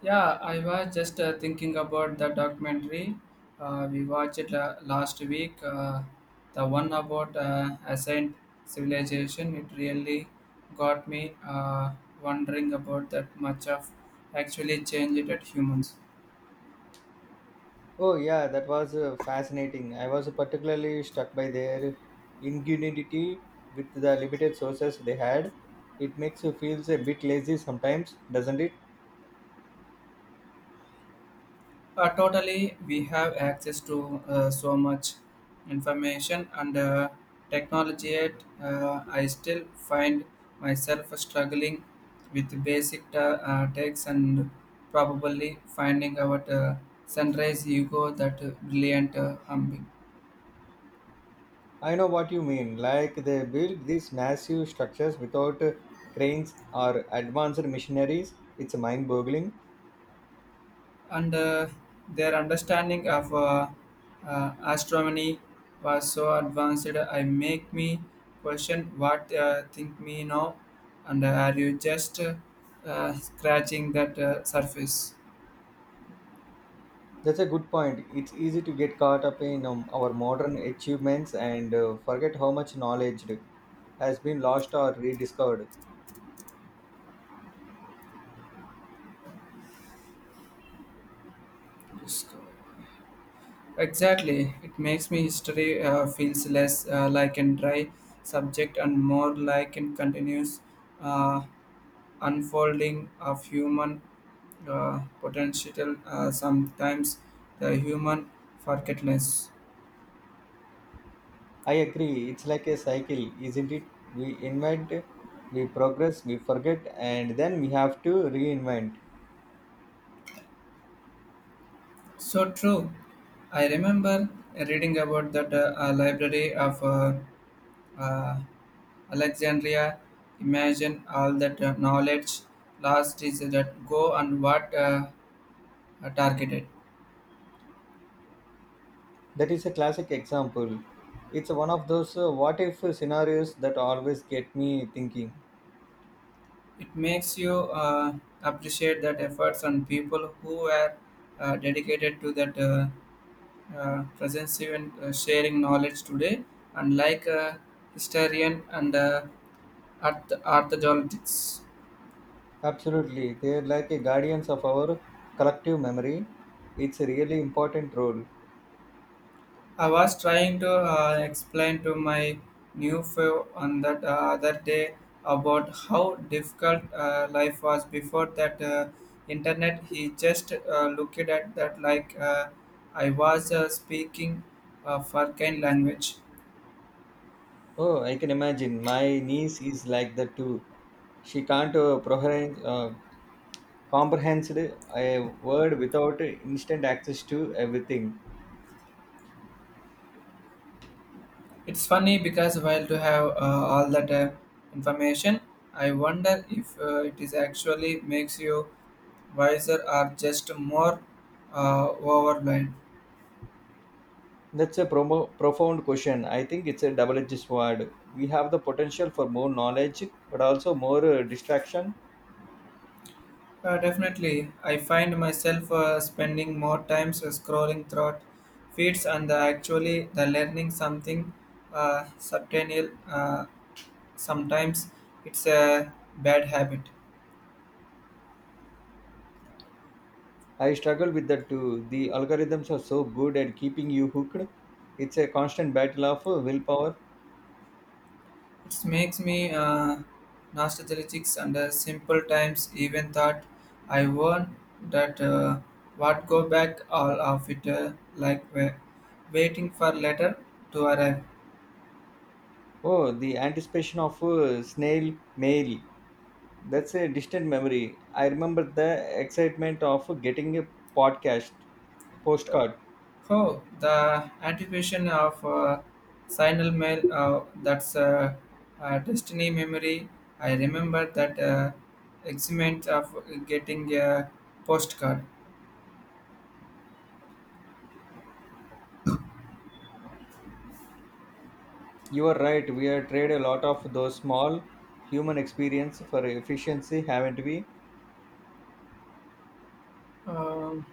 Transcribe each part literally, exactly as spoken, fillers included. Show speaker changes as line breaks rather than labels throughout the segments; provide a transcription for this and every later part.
Yeah, I was just uh, thinking about the documentary. Uh, we watched it la- last week. Uh, the one about uh, Ascent Civilization. It really got me uh, wondering about that much of actually changed at humans.
Oh yeah, that was uh, fascinating. I was particularly struck by their ingenuity with the limited sources they had. It makes you feel a bit lazy sometimes, doesn't it?
Uh, totally, we have access to uh, so much information and uh, technology. Yet, uh, I still find myself struggling with basic ta- uh, texts and probably finding out uh, sunrise ego that uh, brilliant uh, humming.
I know what you mean. Like they built these massive structures without uh, cranes or advanced machineries. It's mind-boggling.
and uh, their understanding of uh, uh, astronomy was so advanced I make me question what uh, think me now, and uh, are you just uh, uh, scratching that uh, surface.
That's a good point. It's easy to get caught up in um, our modern achievements and uh, forget how much knowledge has been lost or rediscovered.
Exactly, it makes me history uh, feels less uh, like a dry subject and more like a continuous uh, unfolding of human uh, potential, uh, sometimes the human forgetfulness.
I agree. It's like a cycle, isn't it? We invent, we progress, we forget, and then we have to reinvent.
So true. I remember reading about that uh, uh, library of uh, uh, Alexandria. Imagine all that uh, knowledge lost is that go, and what uh, are targeted.
That is a classic example. It's one of those uh, what if scenarios that always get me thinking.
It makes you uh, appreciate that efforts on people who are uh, dedicated to that uh, uh, presence and uh, sharing knowledge today, unlike a historian and uh, arth- archaeologists.
Absolutely. They're like a guardians of our collective memory. It's a really important role.
I was trying to uh, explain to my new fellow on that uh, other day about how difficult uh, life was before that uh, internet. He just uh, looked at that like uh, I was uh, speaking uh, for kind language.
Oh, I can imagine. My niece is like that too. She can't uh, proheren- uh, comprehend a word without instant access to everything.
It's funny because while to have uh, all that uh, information, I wonder if uh, it is actually makes you wiser or just more uh, overwhelmed.
That's a promo- profound question. I think it's a double edged sword. We have the potential for more knowledge, but also more uh, distraction.
Uh, definitely, I find myself uh, spending more time scrolling through feeds and uh, actually the learning something uh, substantial. Uh, sometimes it's a bad habit.
I struggle with that too. The algorithms are so good at keeping you hooked. It's a constant battle of uh, willpower.
It makes me uh, nostalgic and uh, simple times even thought I won that uh, what go back all of it uh, like wa- waiting for letter to arrive.
Oh, the anticipation of uh, snail mail. That's a distant memory. I remember the excitement of getting a podcast postcard.
Oh, the anticipation of uh, signal mail uh, that's uh, uh, destiny memory. I remember that uh, excitement of getting a postcard.
You are right. We are trade a lot of those small human experience for efficiency, haven't we?
Um,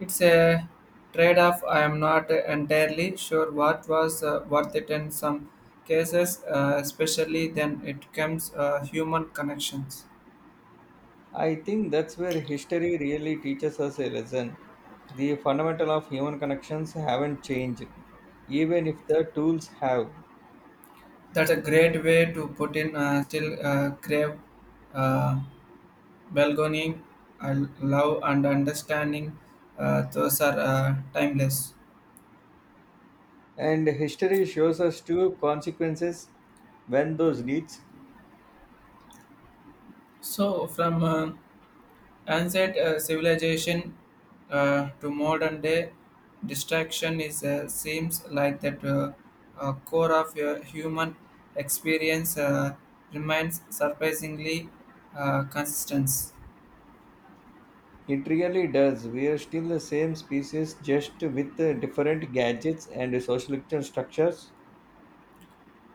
It's a trade off. I am not entirely sure what was uh, worth it in some cases, uh, especially then it comes uh, human connections.
I think that's where history really teaches us a lesson. The fundamental of human connections haven't changed, even if the tools have.
That's a great way to put in uh, still uh, crave uh, belonging, uh, love, and understanding. Uh, those are uh, timeless.
And history shows us two consequences when those needs.
So, from uh, Ancient uh, civilization uh, to modern day distraction is uh, seems like that uh, uh, core of your human experience uh, remains surprisingly uh, consistent.
It really does. We're still the same species, just with uh, different gadgets and social structures.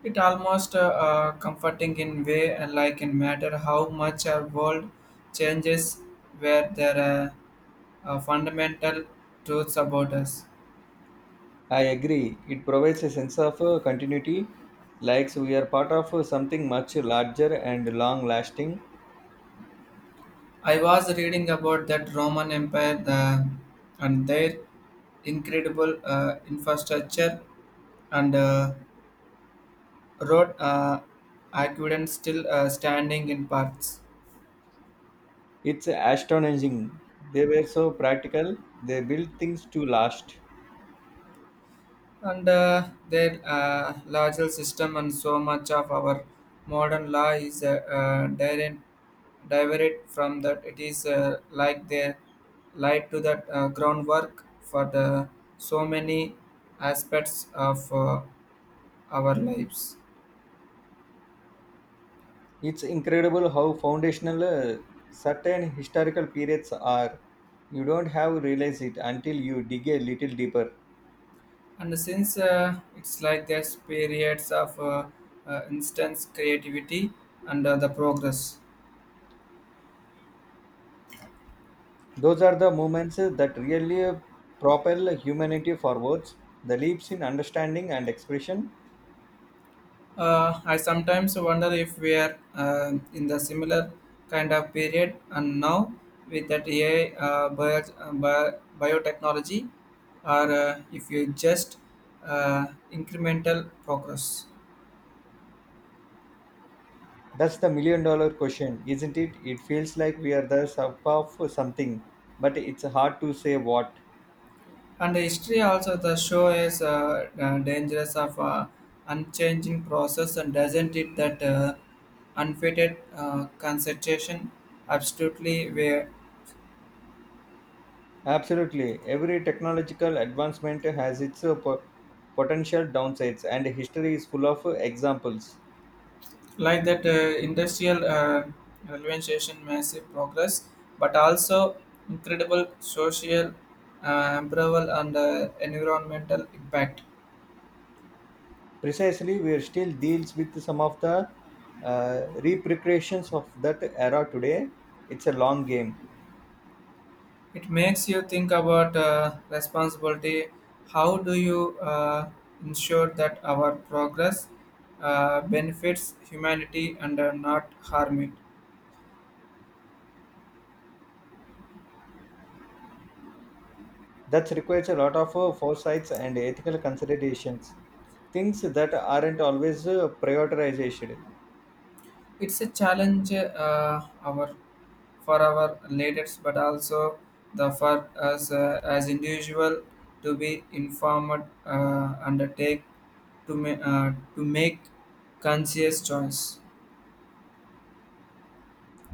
It almost uh, uh, comforting in way and like in matter how much our world changes where there are uh, fundamental truths about us.
I agree. It provides a sense of uh, continuity, like we are part of uh, something much larger and long lasting.
I was reading about that Roman Empire the, and their incredible uh, infrastructure and uh, road uh, aqueducts still uh, standing in parts,
It's astonishing. They were so practical, they built things to last.
and uh, their uh, larger system, and so much of our modern law is uh, uh, direct, diverted from that. It is uh, like they lied to that uh, groundwork for the so many aspects of uh, our lives.
It's incredible how foundational uh, certain historical periods are. You don't have realized it until you dig a little deeper.
And since uh, it's like there's periods of uh, uh, instance creativity and uh, the progress.
Those are the moments that really propel humanity forwards, the leaps in understanding and expression.
Uh, i sometimes wonder if we are uh, in the similar kind of period and now with that AI uh, bio, uh, bio, biotechnology, or uh, if you just uh, incremental progress.
That's the million dollar question, isn't it? It feels like we are the sub of something, but it's hard to say what.
And the history also the show is uh, uh, dangerous of uh, unchanging process, and doesn't it that uh, unfitted uh, concentration absolutely where
Absolutely. Every technological advancement has its uh, po- potential downsides, and history is full of uh, examples.
like that uh, industrial uh, revolution massive progress, but also incredible social uh, amperable and uh, environmental impact.
Precisely, we are still deals with some of the uh, repercussions of that era today. It's a long game.
It makes you think about uh, responsibility. How do you uh, ensure that our progress uh, benefits humanity and uh, not harm it?
That requires a lot of uh, foresights and ethical considerations, things that aren't always uh, prioritized.
It's a challenge uh, our for our leaders, but also the for us uh, as individual to be informed uh, and take to ma- uh, to make conscious choice.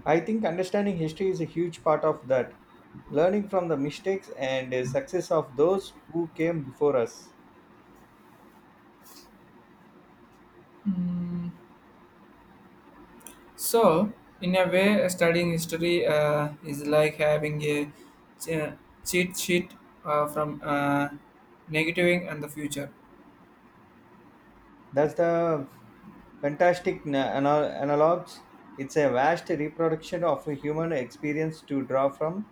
I think understanding history is a huge part of that, learning from the mistakes and uh, success of those who came before us.
Mm. So, in a way, studying history uh, is like having a che- cheat sheet uh, from uh, negativing and the future.
That's the fantastic na- anal- analogs. It's a vast reproduction of a human experience to draw from.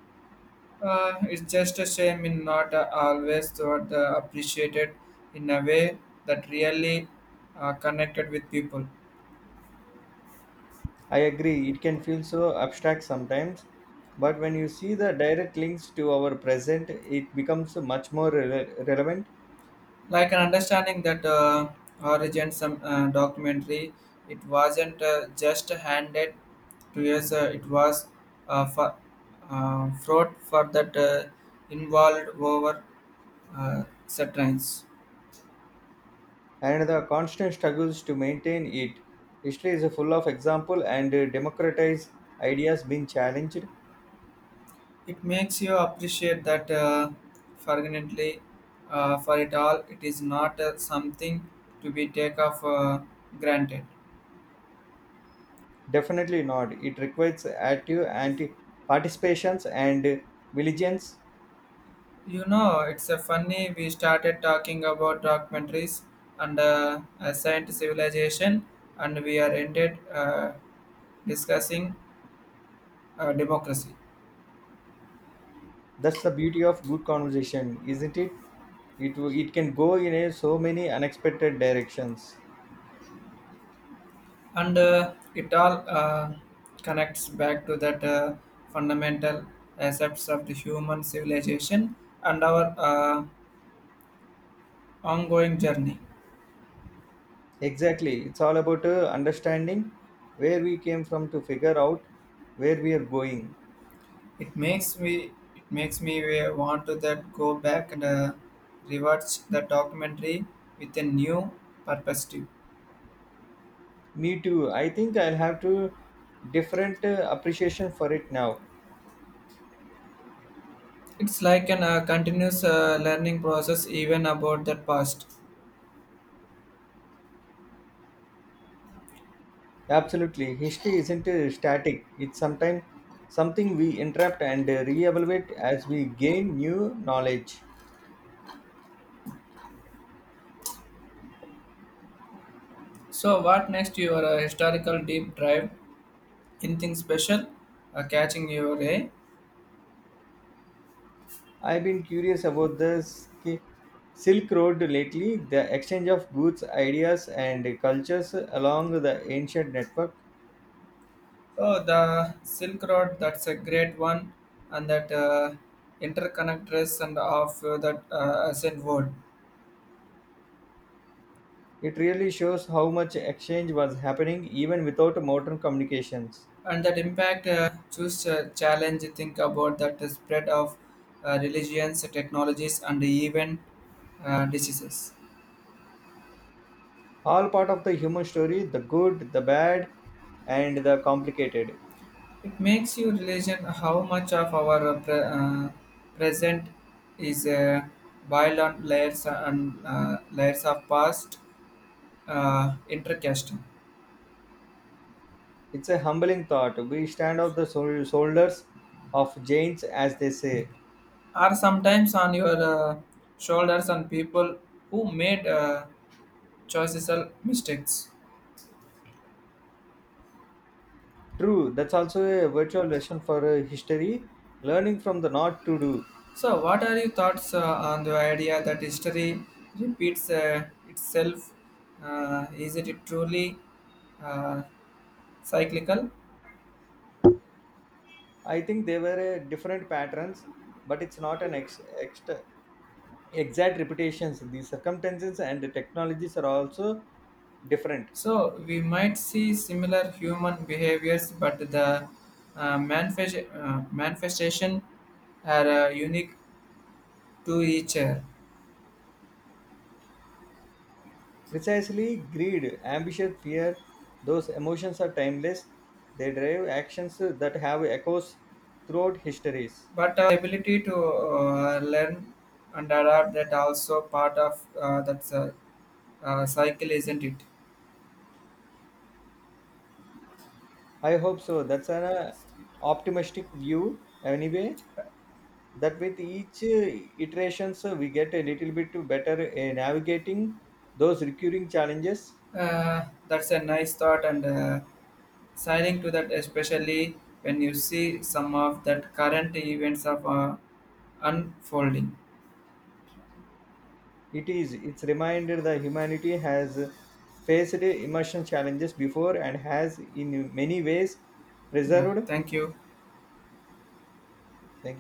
Uh, it's just a shame in not uh, always thought the appreciated in a way that really uh, connected with people.
I agree, it can feel so abstract sometimes, but when you see the direct links to our present, it becomes much more rele- relevant
Like an understanding that uh, origin some uh, documentary, it wasn't uh, just handed to us, uh, it was uh, for, uh, fraught for that uh, involved over uh, satires.
and the constant struggles to maintain it. History is full of example and democratized ideas being challenged.
It makes you appreciate that uh, fortunately uh, for it all it is not uh, something to be take off uh, granted.
Definitely not. It requires active anti participations and diligence.
You know, it's a funny we started talking about documentaries and uh, a science civilization, and we are ended uh, discussing uh, democracy,
That's the beauty of good conversation, isn't it? It, it can go in a, so many unexpected directions.
and uh, it all uh, connects back to that uh, fundamental aspects of the human civilization and our uh, ongoing journey.
Exactly. It's all about uh, understanding where we came from to figure out where we are going.
It makes me it makes me uh, want to that go back and uh, rewatch the documentary with a new perspective.
Me too. I think I'll have to different uh, appreciation for it now.
It's like an uh, continuous uh, learning process, even about the past.
Absolutely. History isn't uh, static. It's sometimes something we interrupt and uh, reevaluate as we gain new knowledge.
So, what next? Your uh, historical deep dive, anything special uh, catching your eye?
I've been curious about the Sk- Silk Road lately, the exchange of goods, ideas, and cultures along the ancient network.
Oh, the Silk Road. That's a great one, and that uh, interconnectedness and of uh, that uh, ancient world,
It really shows how much exchange was happening even without modern communications.
and that impact. Uh, choose uh, challenge. Think about that the spread of uh, religions, technologies, and even uh, diseases.
All part of the human story the good, the bad, and the complicated.
It makes you realize how much of our uh, pre- uh, present is uh, boiled on layers uh, and uh, layers of past uh, intercasting,
It's a humbling thought. We stand on the shou- shoulders of giants, as they say.
or sometimes on your uh, shoulders on people who made uh, choices or mistakes.
True, that's also a virtual lesson for uh, history, learning from the not to do.
So, what are your thoughts uh, on the idea that history repeats uh, itself? Uh, is it truly uh, cyclical?
I think they were uh, different patterns, but it's not an ex- ext- exact reputations. The circumstances and the technologies are also different.
So we might see similar human behaviors, but the uh, manifest, uh, manifestation are uh, unique to each other.
Precisely greed, ambition, fear, those emotions are timeless. They drive actions that have echoes throughout histories.
But our ability to uh, learn and adapt that also part of uh, that's a, uh, cycle, isn't it?
I hope so. That's an uh, optimistic view, anyway. That with each uh, iterations, uh, we get a little bit better uh, navigating those recurring challenges.
Uh, that's a nice thought and uh, signing to that, especially when you see some of that current events of uh, unfolding.
It is. It's reminded that humanity has faced immersion challenges before and has, in many ways,
Yeah,
preserved.
thank you.
Thank